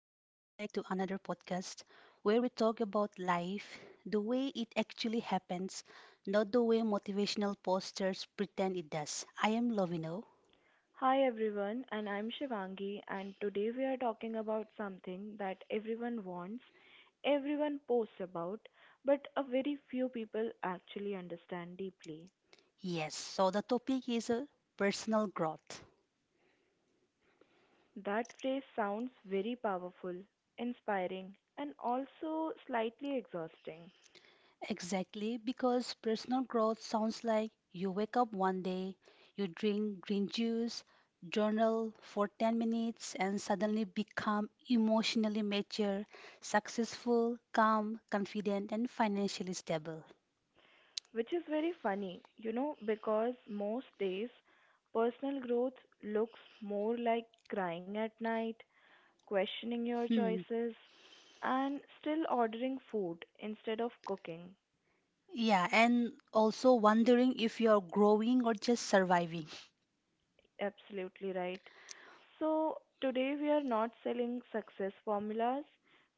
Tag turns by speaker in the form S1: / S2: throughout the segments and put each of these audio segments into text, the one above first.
S1: back to another podcast where we talk about life the way it actually happens, not the way motivational posters pretend it does. I am Lovino.
S2: Hi everyone, and I'm Shivangi, and today we are talking about something that everyone wants, everyone posts about, but a very few people actually understand deeply.
S1: Yes, so the topic is personal growth.
S2: That phrase sounds very powerful, inspiring, and also slightly exhausting,
S1: Exactly, because personal growth sounds like you wake up one day, you drink green juice, journal for 10 minutes, and suddenly become emotionally mature, successful, calm, confident, and financially stable.
S2: which is very funny, because most days personal growth looks more like crying at night questioning your
S1: Hmm.
S2: choices, and still ordering food instead of cooking.
S1: Yeah, and also wondering if you're growing or just surviving.
S2: Absolutely right. So, today we are not selling success formulas.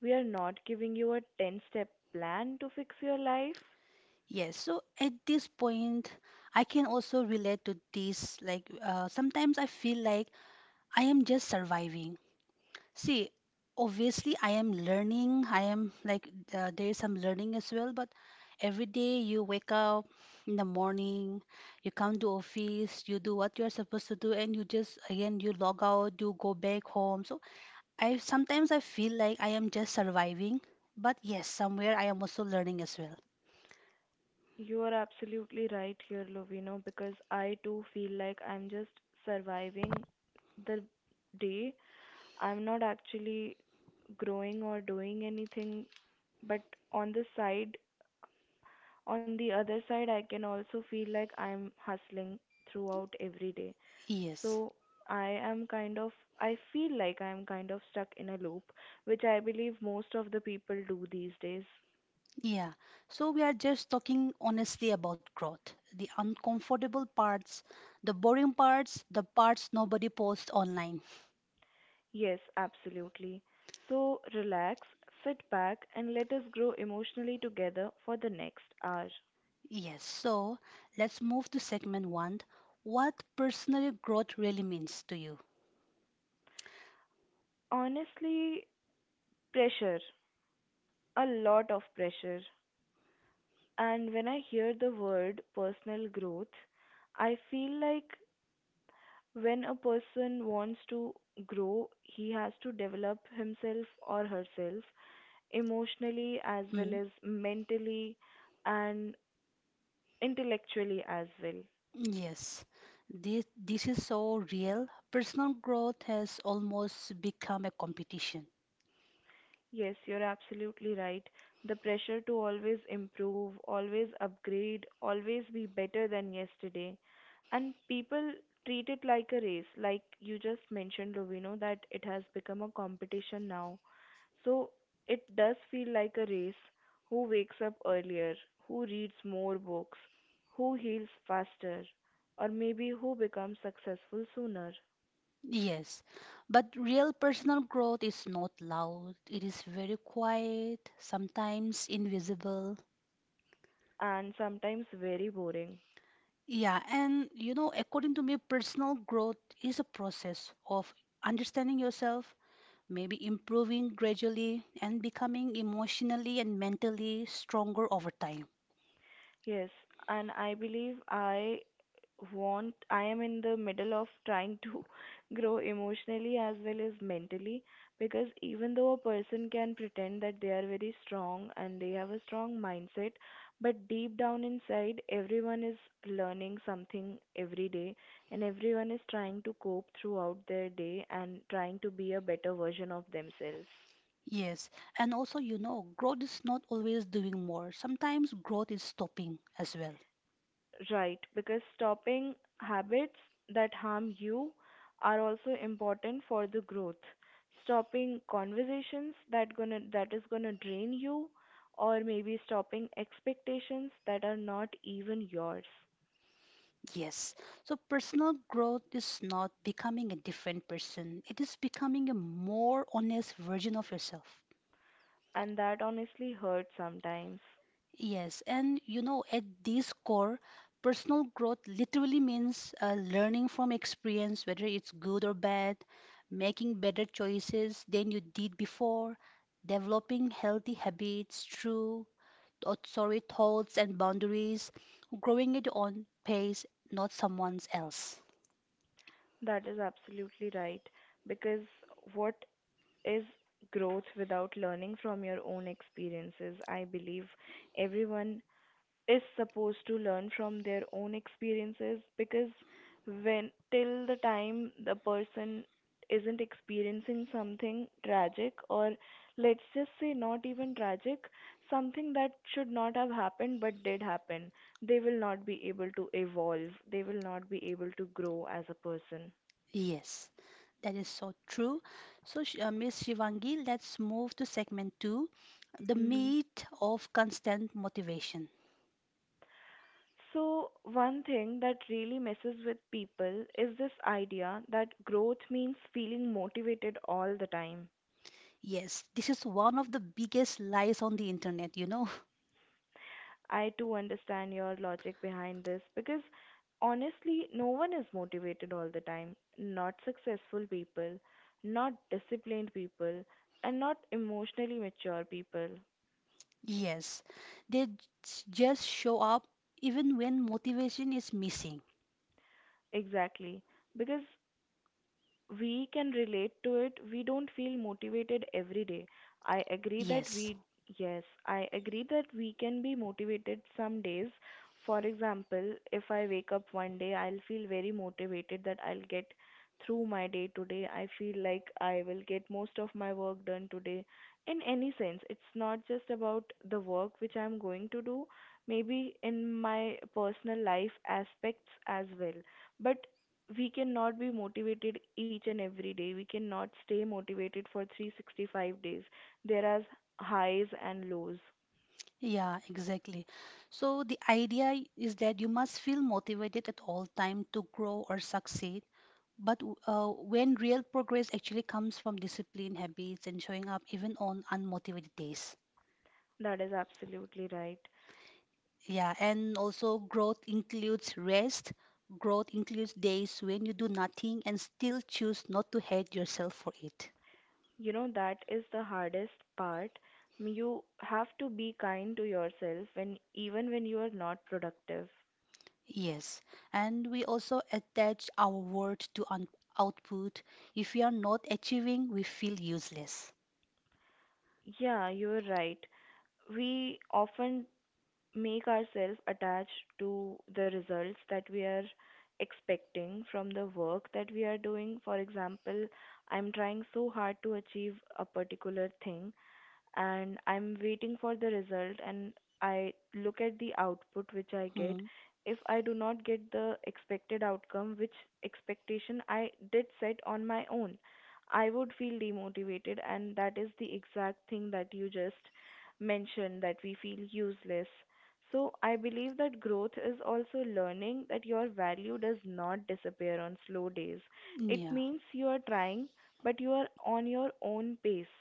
S2: We are not giving you a 10 step plan to fix your life.
S1: Yes, so at this point, I can also relate to this. Like, sometimes I feel like I am just surviving. See, obviously, I am learning. I am like, there is some learning as well, but every day you wake up in the morning, you come to office, you do what you are supposed to do, and you just, again, you log out, you go back home. So I sometimes I feel like I am just surviving, but yes, somewhere I am also learning as well.
S2: You are absolutely right here, Lovino, because I too feel like I'm just surviving the day. I'm not actually growing or doing anything, but on the side, on the other side, I can also feel like I'm hustling throughout every day.
S1: Yes.
S2: So I am kind of, I feel like I'm kind of stuck in a loop, which I believe most of the people do these days.
S1: Yeah. So we are just talking honestly about growth, the uncomfortable parts, the boring parts, the parts nobody posts online.
S2: Yes, absolutely. So relax, sit back, and let us grow emotionally together for the next hour.
S1: Yes, so let's move to segment one. What personal growth really means to you?
S2: Honestly, pressure, a lot of pressure. And when I hear the word personal growth, I feel like when a person wants to grow, he has to develop himself or herself emotionally as
S1: Hmm?
S2: well as mentally and intellectually as well.
S1: Yes, this is so real. Personal growth has almost become a competition.
S2: Yes, you're absolutely right. The pressure to always improve, always upgrade, always be better than yesterday. And people treat it like a race, like you just mentioned, Lovino, that it has become a competition now. So it does feel like a race. Who wakes up earlier? Who reads more books? Who heals faster? Or maybe who becomes successful sooner?
S1: Yes, but real personal growth is not loud, it is very quiet, sometimes invisible.
S2: And sometimes very boring.
S1: Yeah, and you know, according to me, personal growth is a process of understanding yourself, maybe improving gradually and becoming emotionally and mentally stronger over time.
S2: Yes, and I believe I am in the middle of trying to grow emotionally as well as mentally because even though a person can pretend that they are very strong and they have a strong mindset, but deep down inside, everyone is learning something every day and everyone is trying to cope throughout their day and trying to be a better version of themselves.
S1: Yes, and also, you know, growth is not always doing more. Sometimes growth is stopping as well.
S2: Right, because stopping habits that harm you are also important for the growth. Stopping conversations that gonna that is gonna drain you, or maybe stopping expectations that are not even yours.
S1: Yes, so personal growth is not becoming a different person, it is becoming a more honest version of yourself.
S2: And that honestly hurts sometimes.
S1: Yes, and you know, at this core, personal growth literally means learning from experience, whether it's good or bad, making better choices than you did before, developing healthy habits through, oh, sorry, thoughts and boundaries, growing at your own pace, not someone else.
S2: That is absolutely right. Because what is growth without learning from your own experiences? I believe everyone is supposed to learn from their own experiences because when till the time the person isn't experiencing something tragic or, let's just say, not even tragic, something that should not have happened but did happen, they will not be able to evolve, they will not be able to grow as a person.
S1: Yes, that is so true. So, Miss Shivangi, let's move to segment two, the
S2: Hmm
S1: meat of constant motivation.
S2: so, one thing that really messes with people is this idea that growth means feeling motivated all the time.
S1: Yes, this is one of the biggest lies on the internet, you know.
S2: I too understand your logic behind this because honestly, no one is motivated all the time. Not successful people, not disciplined people, and not emotionally mature people.
S1: Yes, they just show up even when motivation is missing.
S2: Exactly. Because we can relate to it, we don't feel motivated every day. I agree that
S1: Yes,
S2: we Yes, I agree that we can be motivated some days. For example, if I wake up one day, I'll feel very motivated that I'll get through my day today, I feel like I will get most of my work done today in any sense. It's not just about the work which I'm going to do, maybe in my personal life aspects as well, but we cannot be motivated each and every day. We cannot stay motivated for 365 days. There are highs and lows.
S1: yeah, exactly. So the idea is that you must feel motivated at all time to grow or succeed. But when real progress actually comes from discipline, habits, and showing up even on unmotivated days.
S2: That is absolutely right.
S1: Yeah, and also growth includes rest. Growth includes days when you do nothing and still choose not to hate yourself for it.
S2: You know, that is the hardest part. You have to be kind to yourself when even when you are not productive.
S1: Yes, and we also attach our worth to output. If we are not achieving, we feel useless.
S2: Yeah, you are right. We often make ourselves attached to the results that we are expecting from the work that we are doing. For example, I'm trying so hard to achieve a particular thing, and I'm waiting for the result and I look at the output which I get.
S1: Hmm.
S2: If I do not get the expected outcome, which expectation I did set on my own, I would feel demotivated, and that is the exact thing that you just mentioned, that we feel useless. So, I believe that growth is also learning that your value does not disappear on slow days. It
S1: Yeah,
S2: means you are trying, but you are on your own pace.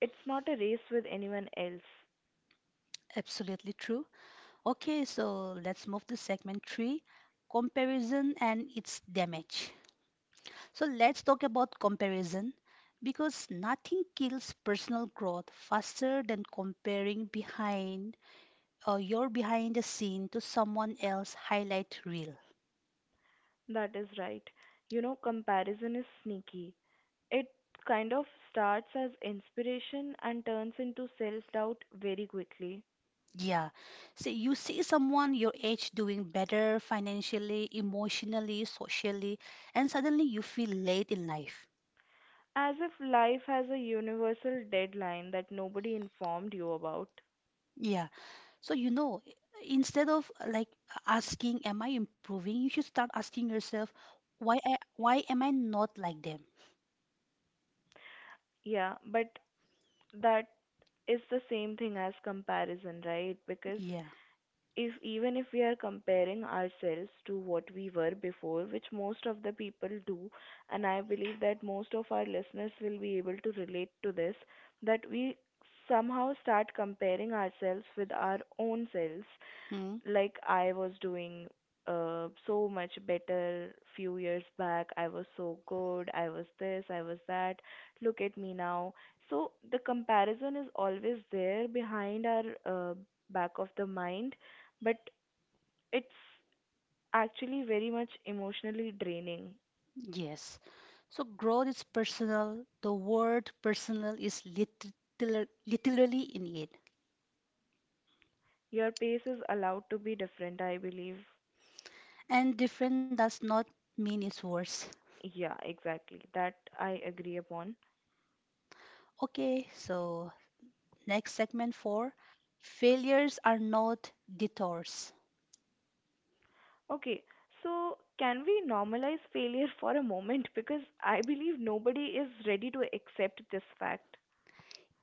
S2: It's not a race with anyone else.
S1: absolutely true. Okay, so let's move to segment three, comparison and its damage. So let's talk about comparison because nothing kills personal growth faster than comparing behind your behind the scene to someone else highlight reel.
S2: That is right. You know, comparison is sneaky. It kind of starts as inspiration and turns into self doubt very quickly.
S1: Yeah. So you see someone your age doing better financially, emotionally, socially, and suddenly you feel late in life.
S2: As if life has a universal deadline that nobody informed you about.
S1: Yeah. So you know, instead of asking, am I improving? You should start asking yourself, why am I not like them?
S2: Yeah, but that is the same thing as comparison, right? Because
S1: Yeah.
S2: if even if we are comparing ourselves to what we were before, which most of the people do, and I believe that most of our listeners will be able to relate to this, that we somehow start comparing ourselves with our own selves,
S1: Hmm.
S2: like I was doing so much better few years back. I was so good. I was this. I was that. Look at me now. So the comparison is always there behind our back of the mind, but it's actually very much emotionally draining.
S1: Yes. So growth is personal. The word personal is literal, literally in it.
S2: Your pace is allowed to be different, I believe.
S1: And different does not mean it's worse.
S2: Yeah, exactly. That I agree upon.
S1: Okay, so next segment four. Failures are not detours.
S2: Okay, so can we normalize failure for a moment? Because I believe nobody is ready to accept this fact.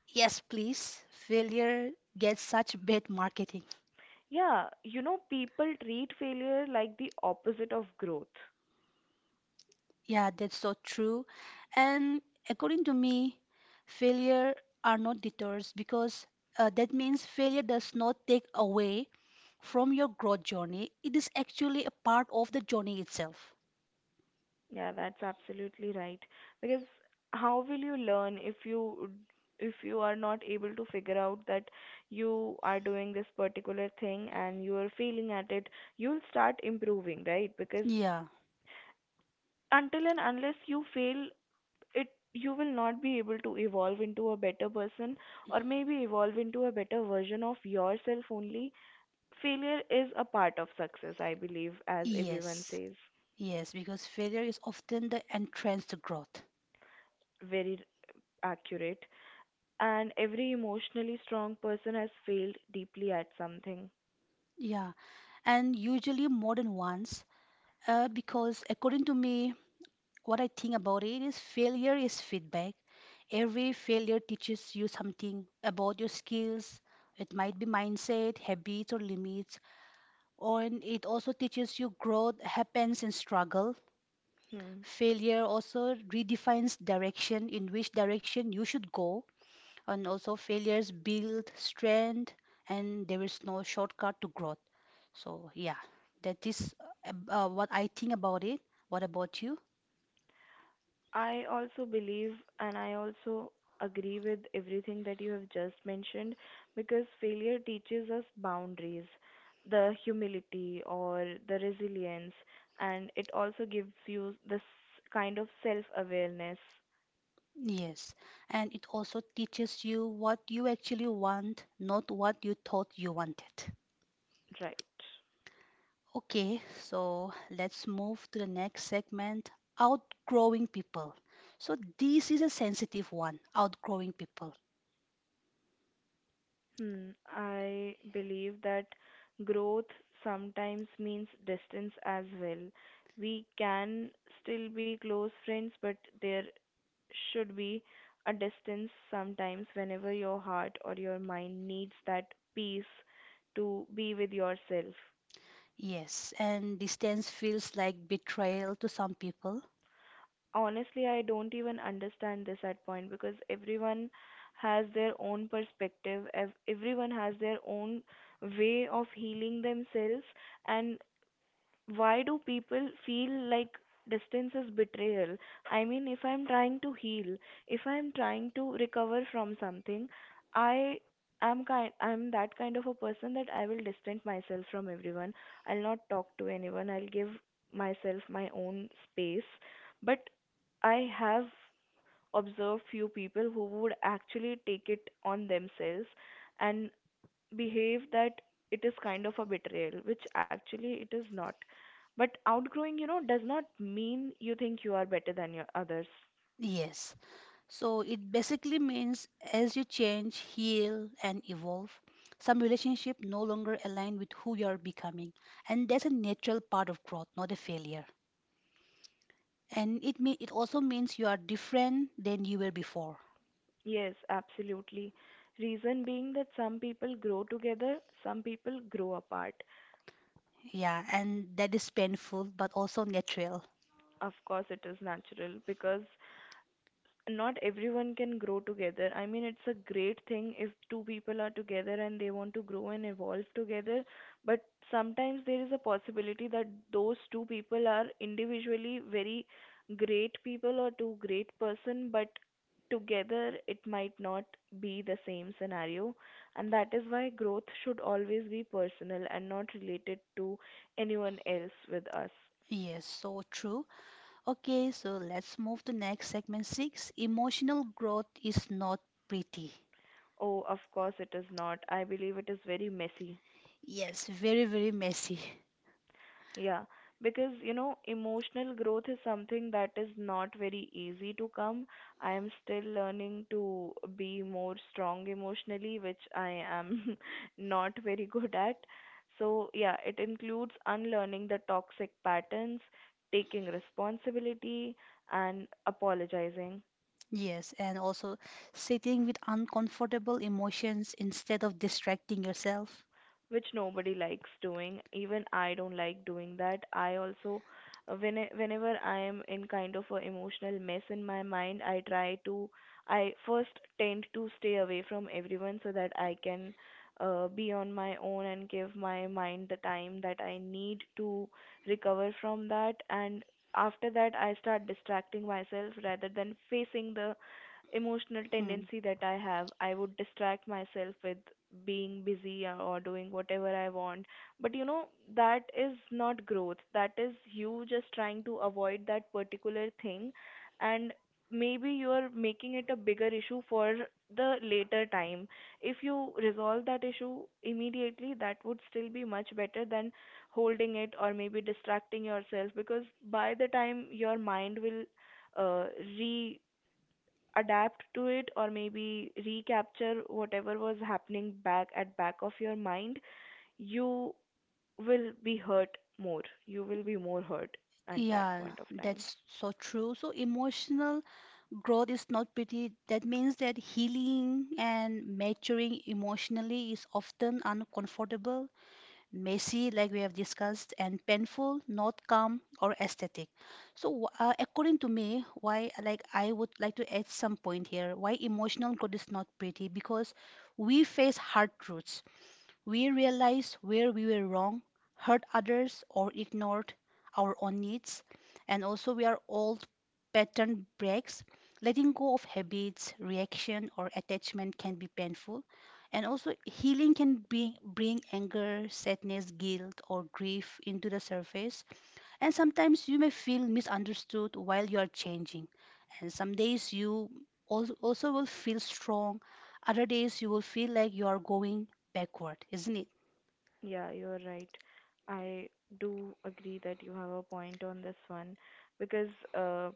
S1: Yes, please. Failure gets such bad marketing.
S2: Yeah, you know, people treat failure like the opposite of growth.
S1: Yeah, that's so true. And according to me, failure are not detours because that means failure does not take away from your growth journey. It is actually a part of the journey itself.
S2: Yeah, that's absolutely right. Because how will you learn if you are not able to figure out that you are doing this particular thing and you are failing at it, you'll start improving, right? Because
S1: Yeah,
S2: until and unless you fail it, you will not be able to evolve into a better person, or maybe evolve into a better version of yourself. Only failure is a part of success, I believe, as everyone
S1: yes,
S2: says.
S1: yes, because failure is often the entrance to growth.
S2: Very accurate. And every emotionally strong person has failed deeply at something.
S1: Yeah, and usually more than once, because according to me, what I think about it is failure is feedback. Every failure teaches you something about your skills. It might be mindset, habits, or limits. Or and it also teaches you growth happens in struggle.
S2: Hmm.
S1: Failure also redefines direction, in which direction you should go. And also, failures build strength, and there is no shortcut to growth. So, yeah, that is what I think about it. What about you?
S2: I also believe, and I also agree with everything that you have just mentioned, because failure teaches us boundaries, the humility or the resilience, and it also gives you this kind of self awareness,
S1: Yes, and it also teaches you what you actually want, not what you thought you wanted.
S2: right?
S1: Okay, so let's move to the next segment outgrowing people. So, this is a sensitive one outgrowing people.
S2: Hmm. I believe that growth sometimes means distance as well. We can still be close friends, but there should be a distance sometimes whenever your heart or your mind needs that peace to be with yourself.
S1: Yes, and distance feels like betrayal to some people.
S2: Honestly, I don't even understand this at point because everyone has their own perspective, everyone has their own way of healing themselves, and why do people feel like distance is betrayal? I mean, if I'm trying to heal, if I'm trying to recover from something, I I'm that kind of a person that I will distance myself from everyone. I'll not talk to anyone. I'll give myself my own space. But I have observed few people who would actually take it on themselves and behave that it is kind of a betrayal, which actually it is not. But outgrowing, does not mean you think you are better than your others.
S1: Yes, so it basically means as you change, heal, and evolve, some relationship no longer align with who you are becoming, and that's a natural part of growth, not a failure. And it also means you are different than you were before.
S2: Yes, absolutely. Reason being that some people grow together, some people grow apart.
S1: Yeah, and that is painful but also natural.
S2: Of course, it is natural because not everyone can grow together. I mean, it's a great thing if two people are together and they want to grow and evolve together, but sometimes there is a possibility that those two people are individually very great people or two great person, but together it might not be the same scenario. And that is why growth should always be personal and not related to anyone else with us.
S1: Yes, so true. Okay, so let's move to next segment six. Emotional growth is not pretty.
S2: Oh, of course it is not. I believe it is very messy.
S1: Yes, very, very messy.
S2: Yeah, because you know, emotional growth is something that is not very easy to come. I am still learning to be more strong emotionally, which I am not very good at. So, yeah, it includes unlearning the toxic patterns, taking responsibility, and apologizing.
S1: Yes, and also sitting with uncomfortable emotions instead of distracting yourself.
S2: Which nobody likes doing, even I don't like doing that. I also, when whenever I am in kind of a emotional mess in my mind, I try to, I first tend to stay away from everyone so that I can, be on my own and give my mind the time that I need to recover from that. And after that I start distracting myself rather than facing the emotional
S1: Hmm.
S2: tendency that I have. I would distract myself with being busy or doing whatever I want. But you know, that is not growth. That is you just trying to avoid that particular thing. And maybe you're making it a bigger issue for the later time. If you resolve that issue immediately, that would still be much better than holding it or maybe distracting yourself, because by the time your mind will uh, adapt to it or maybe recapture whatever was happening back of your mind, you will be hurt more. You will be more hurt at that
S1: Yeah,
S2: point of time.
S1: that's so true. So emotional growth is not pretty. That means that healing and maturing emotionally is often uncomfortable messy, like we have discussed, and painful, not calm or aesthetic. So, according to me, why like I would like to add some point here. Why emotional growth is not pretty? Because we face hard truths, we realize where we were wrong, hurt others, or ignored our own needs. And also, we are old pattern breaks. Letting go of habits, reaction, or attachment can be painful. And also, healing can be, bring anger, sadness, guilt, or grief into the surface. And sometimes you may feel misunderstood while you are changing. And some days you also will feel strong, other days you will feel like you are going backward, isn't it?
S2: Yeah, you are right. I do agree that you have a point on this one, because uh,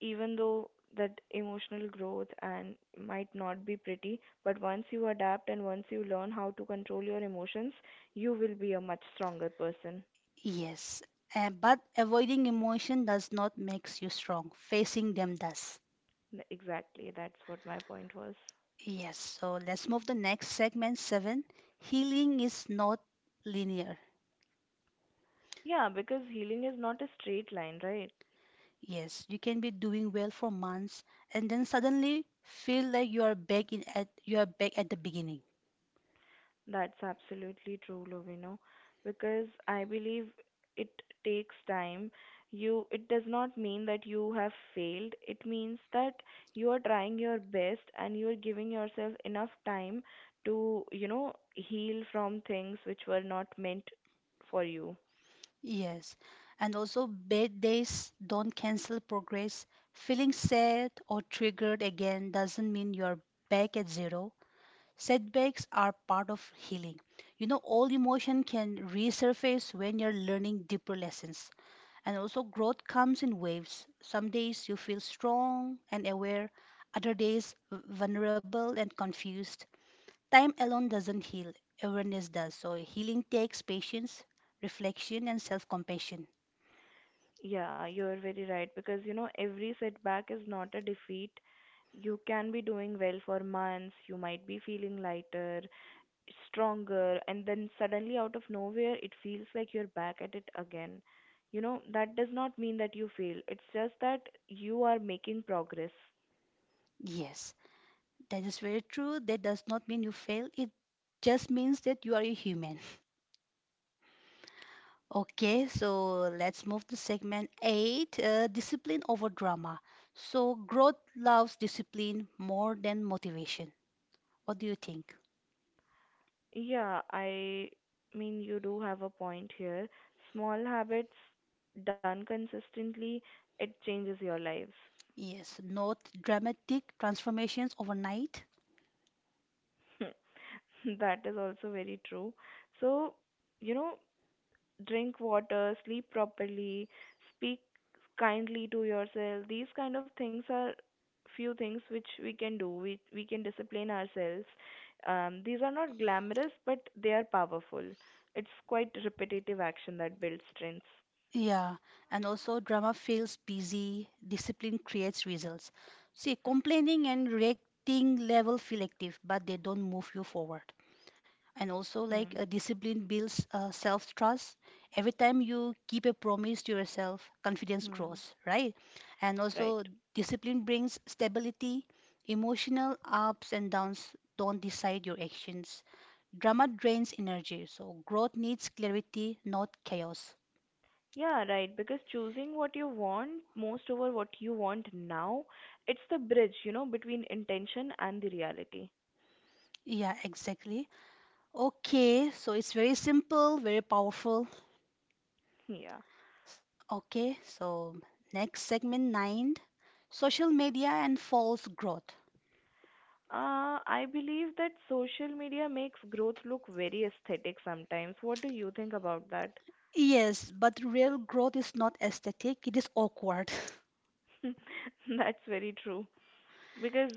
S2: even though that emotional growth and might not be pretty, but once you adapt and once you learn how to control your emotions, you will be a much stronger person.
S1: Yes, but avoiding emotion does not makes you strong. Facing them does.
S2: Exactly, that's what my point was.
S1: Yes, so let's move the next segment seven. Healing is not linear.
S2: Yeah, because healing is not a straight line, right?
S1: Yes, you can be doing well for months and then suddenly feel like you are back at the beginning.
S2: That's absolutely true, Lovino. Because I believe it takes time. You, it does not mean that you have failed. It means that you are trying your best and you are giving yourself enough time to, heal from things which were not meant for you.
S1: Yes, and also bad days don't cancel progress. Feeling sad or triggered again doesn't mean you are back at zero. Setbacks are part of healing. You know, all emotion can resurface when you're learning deeper lessons. And also, growth comes in waves. Some days you feel strong and aware, other days vulnerable and confused. Time alone doesn't heal, awareness does. So, healing takes patience, reflection, and self compassion.
S2: Yeah, you're very right, because every setback is not a defeat. You can be doing well for months, you might be feeling lighter, stronger, and then suddenly out of nowhere it feels like you're back at it again. You know, that does not mean that you fail. It's just that you are making progress.
S1: Yes, that is very true. That does not mean you fail, it just means that you are a human. Okay, so let's move to segment eight, discipline over drama. So growth loves discipline more than motivation. What do you think?
S2: Yeah, I mean, you do have a point here. Small habits done consistently, it changes your lives.
S1: Yes, not dramatic transformations overnight.
S2: That is also very true. So, you know, drink water, sleep properly, speak kindly to yourself. These kind of things are few things which we can do. We can discipline ourselves. These are not glamorous, but they are powerful. It's quite repetitive action that builds strength.
S1: Yeah, and also drama feels busy, discipline creates results. See, complaining and reacting level feel active, but they don't move you forward. And also like
S2: Hmm.
S1: discipline builds self trust. Every time you keep a promise to yourself, confidence
S2: Hmm.
S1: grows, right? And also
S2: Right.
S1: discipline brings stability. Emotional ups and downs don't decide your actions. Drama drains energy, so growth needs clarity, not chaos.
S2: Yeah, right. Because choosing what you want most over what you want now, it's the bridge, between intention and the reality.
S1: Yeah, exactly. Okay, so it's very simple, very powerful.
S2: Yeah.
S1: Okay, so next segment 9, social media and false growth.
S2: I believe that social media makes growth look very aesthetic sometimes. What do you think about that?
S1: Yes, but real growth is not aesthetic, it is awkward.
S2: That's very true. Because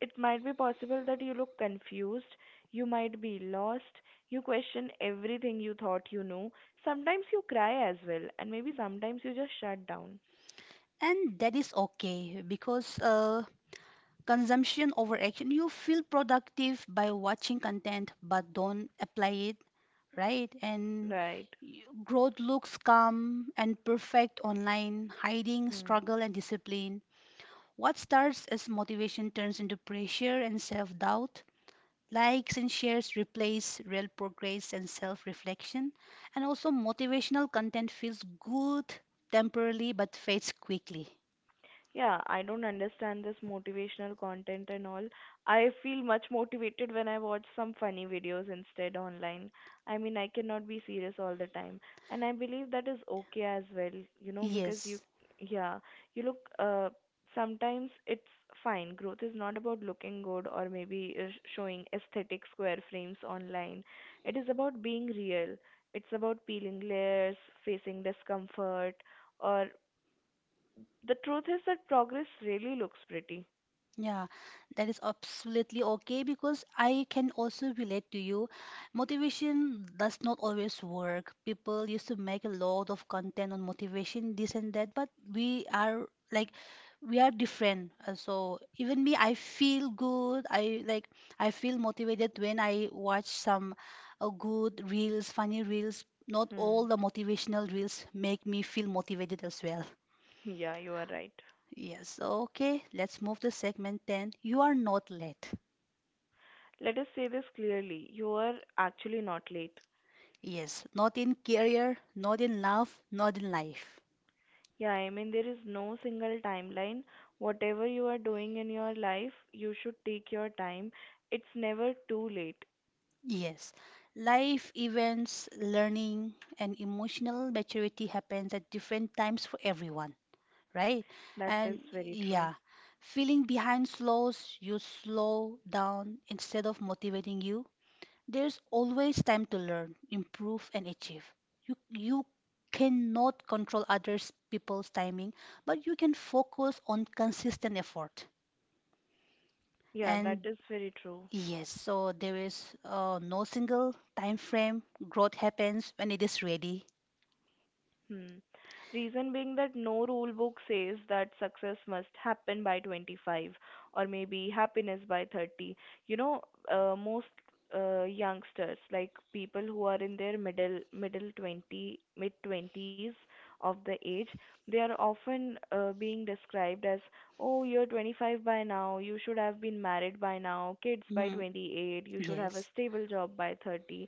S2: it might be possible that you look confused, you might be lost, you question everything you thought you knew. Sometimes you cry as well, and maybe sometimes you just shut down.
S1: And that is okay because consumption over action, you feel productive by watching content but don't apply it, right? And
S2: Right.
S1: growth looks calm and perfect online, hiding
S2: Hmm.
S1: struggle and discipline. What starts as motivation turns into pressure and self doubt. Likes and shares replace real progress and self reflection. And also, motivational content feels good temporarily but fades quickly.
S2: Yeah, I don't understand this motivational content and all. I feel much motivated when I watch some funny videos instead online. I mean, I cannot be serious all the time. And I believe that is okay as well, you know, because you,
S1: Yes.
S2: yeah, you look, sometimes it's fine. Growth is not about looking good or maybe showing aesthetic square frames online. It is about being real. It's about peeling layers, facing discomfort, or the truth is that progress really looks pretty.
S1: Yeah, that is absolutely okay because I can also relate to you. Motivation does not always work. People used to make a lot of content on motivation, this and that, but we are like we are different. So even me, I feel good. I feel motivated when I watch some good reels, funny reels. Not all
S2: Hmm.
S1: the motivational reels make me feel motivated as well.
S2: Yeah, you are right.
S1: Yes, okay, let's move to segment 10. You are not late.
S2: Let us say this clearly. You are actually not late.
S1: Yes, not in career, not in love, not in life.
S2: Yeah, I mean, there is no single timeline. Whatever you are doing in your life, you should take your time. It's never too late.
S1: Yes, life events, learning, and emotional maturity happens at different times for everyone, right?
S2: That is
S1: And
S2: very true.
S1: yeah, feeling behind slow down instead of motivating you. There's always time to learn, improve, and achieve. You cannot control others people's timing, but you can focus on consistent effort.
S2: Yeah, that
S1: And
S2: is very true.
S1: yes, so there is no single time frame. Growth happens when it is ready.
S2: Hmm. Reason being that no rule book says that success must happen by 25, or maybe happiness by 30. You know, most youngsters, like people who are in their middle 20 mid 20s of the age, they are often being described as, "Oh, you're 25 by now. You should have been married by now. Kids by
S1: Hmm,
S2: 28. You should have a
S1: yes.
S2: stable job by 30."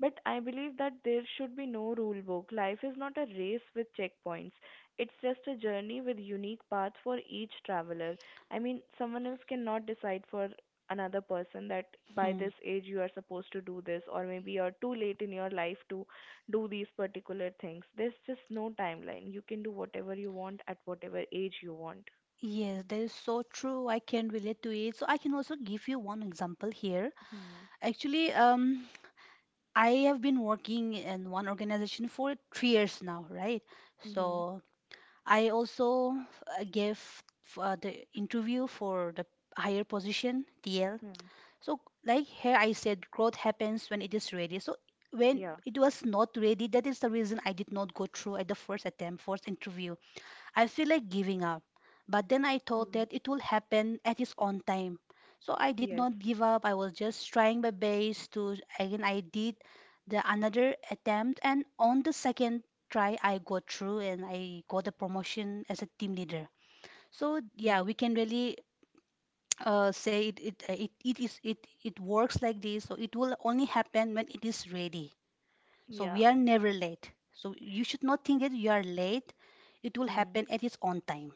S2: But I believe that there should be no rule book. Life is not a race with checkpoints. It's just a journey with unique paths for each traveler. I mean, someone else cannot decide for another person that by
S1: Hmm.
S2: this age you are supposed to do this, or maybe you're too late in your life to do these particular things. There's just no timeline. You can do whatever you want at whatever age you want.
S1: Yes, that is so true. I can relate to it. So I can also give you one example here.
S2: Hmm.
S1: Actually, I have been working in one organization for 3 years now, right?
S2: Mhm.
S1: So I also gave the interview for the higher position, TL.
S2: Hmm.
S1: So, like here I said, growth happens when it is ready. So, when
S2: Yeah.
S1: it was not ready, that is the reason I did not go through at the first attempt, first interview. I feel like giving up. But then I thought
S2: Hmm.
S1: that it will happen at its own time. So I did
S2: Yes.
S1: not give up. I was just trying my best to again I did the another attempt, and on the second try I got through and I got a promotion as a team leader. So yeah,
S2: Hmm.
S1: we can really say it it, it it is it it works like this. So it will only happen when it is ready. So
S2: Yeah.
S1: we are never late. So you should not think that you are late. It will
S2: Hmm.
S1: happen at its own time.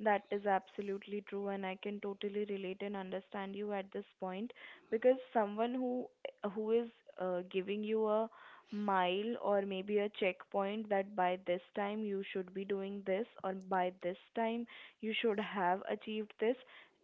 S2: That is absolutely true, and I can totally relate and understand you at this point, because someone who is giving you a mile or maybe a checkpoint that by this time you should be doing this, or by this time you should have achieved this,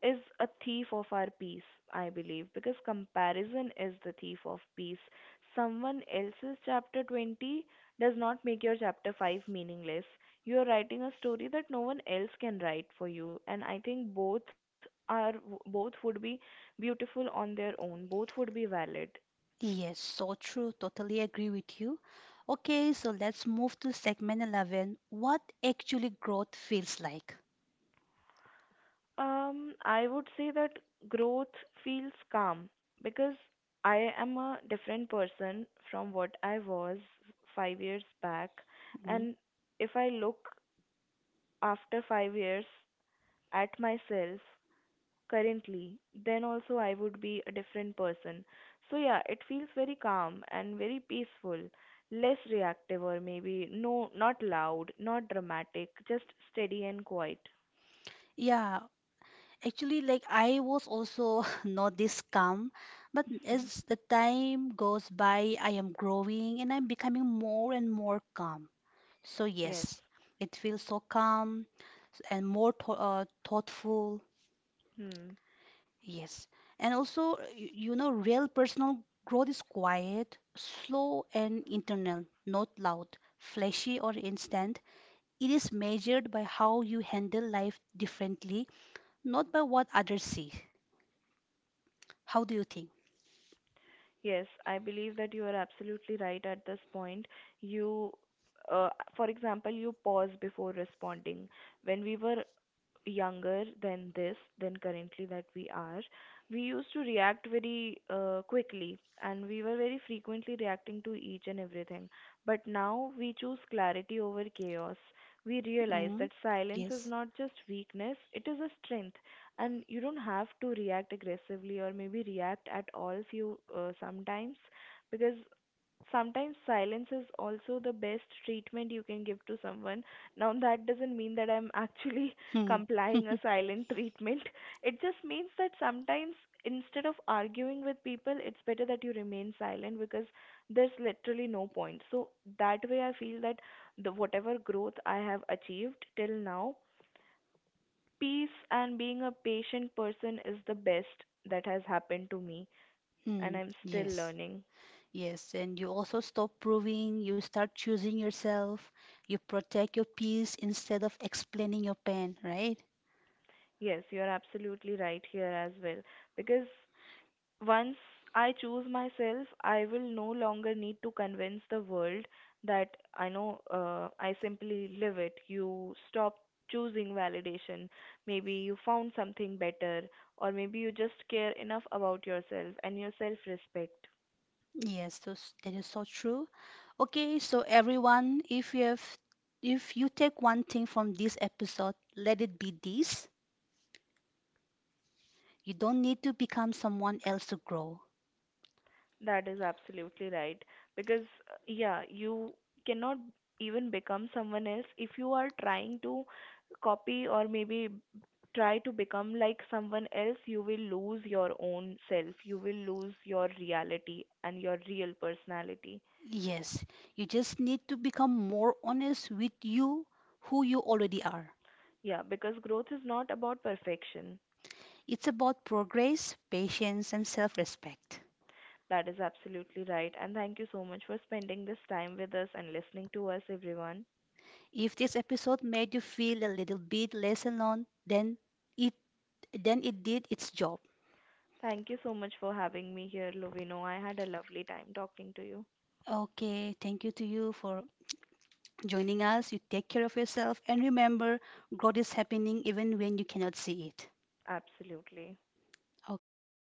S2: is a thief of our peace, I believe, because comparison is the thief of peace. Someone else's chapter 20 does not make your chapter 5 meaningless. You're writing a story that no one else can write for you, and I think are both would be beautiful on their own. Both would be valid.
S1: Yes, so true. Totally agree with you. Okay, so let's move to segment 11, what actually growth feels like.
S2: I would say that growth feels calm, because I am a different person from what I was 5 years back.
S1: Mhm.
S2: And if I look after 5 years at myself currently, then also I would be a different person. So yeah, it feels very calm and very peaceful, less reactive or maybe no, not loud, not dramatic, just steady and quiet.
S1: Yeah, actually, like I was also not this calm, but
S2: Hmm.
S1: as the time goes by, I am growing and I'm becoming more and more calm. So,
S2: Yes.
S1: yes, it feels so calm and more thoughtful.
S2: Hmm.
S1: Yes. And also, you know, real personal growth is quiet, slow, and internal, not loud, flashy, or instant. It is measured by how you handle life differently, not by what others see. How do you think?
S2: Yes, I believe that you are absolutely right at this point. You, uh, for example, you pause before responding. When we were younger than this than currently that we are, we used to react very quickly, and we were very frequently reacting to each and everything. But now we choose clarity over chaos. We realize
S1: Mm,
S2: that silence is
S1: yes.
S2: not just weakness, it is a strength. And you don't have to react aggressively, or maybe react at all few sometimes, because sometimes silence is also the best treatment you can give to someone. Now that doesn't mean that I'm actually
S1: Hmm.
S2: complying a silent treatment. It just means that sometimes, instead of arguing with people, it's better that you remain silent, because there's literally no point. So that way I feel that the whatever growth I have achieved till now, peace and being a patient person is the best that has happened to me, and
S1: Hmm.
S2: I'm still
S1: Yes.
S2: learning.
S1: Yes. And you also stop proving, you start choosing yourself, you protect your peace instead of explaining your pain, right?
S2: Yes, you're absolutely right here as well, because once I choose myself, I will no longer need to convince the world that I know, I simply live it. You stop choosing validation. Maybe you found something better, or maybe you just care enough about yourself and your self respect.
S1: Yes, those, that is so true. Okay, so everyone, if you take one thing from this episode, let it be this. You don't need to become someone else to grow.
S2: That is absolutely right. Because, yeah, you cannot even become someone else. If you are trying to copy or maybe try to become like someone else, you will lose your own self. You will lose your reality and your real personality.
S1: Yes, you just need to become more honest with you, who you already are.
S2: Yeah, because growth is not about perfection.
S1: It's about progress, patience, and self-respect.
S2: That is absolutely right. And thank you so much for spending this time with us and listening to us, everyone.
S1: If this episode made you feel a little bit less alone, then it it did its job.
S2: Thank you so much for having me here, Lovino. I had a lovely time talking to you.
S1: Okay, thank you to you for joining us. You take care of yourself and remember, growth is happening even when you cannot see it.
S2: Absolutely.
S1: Okay, bye.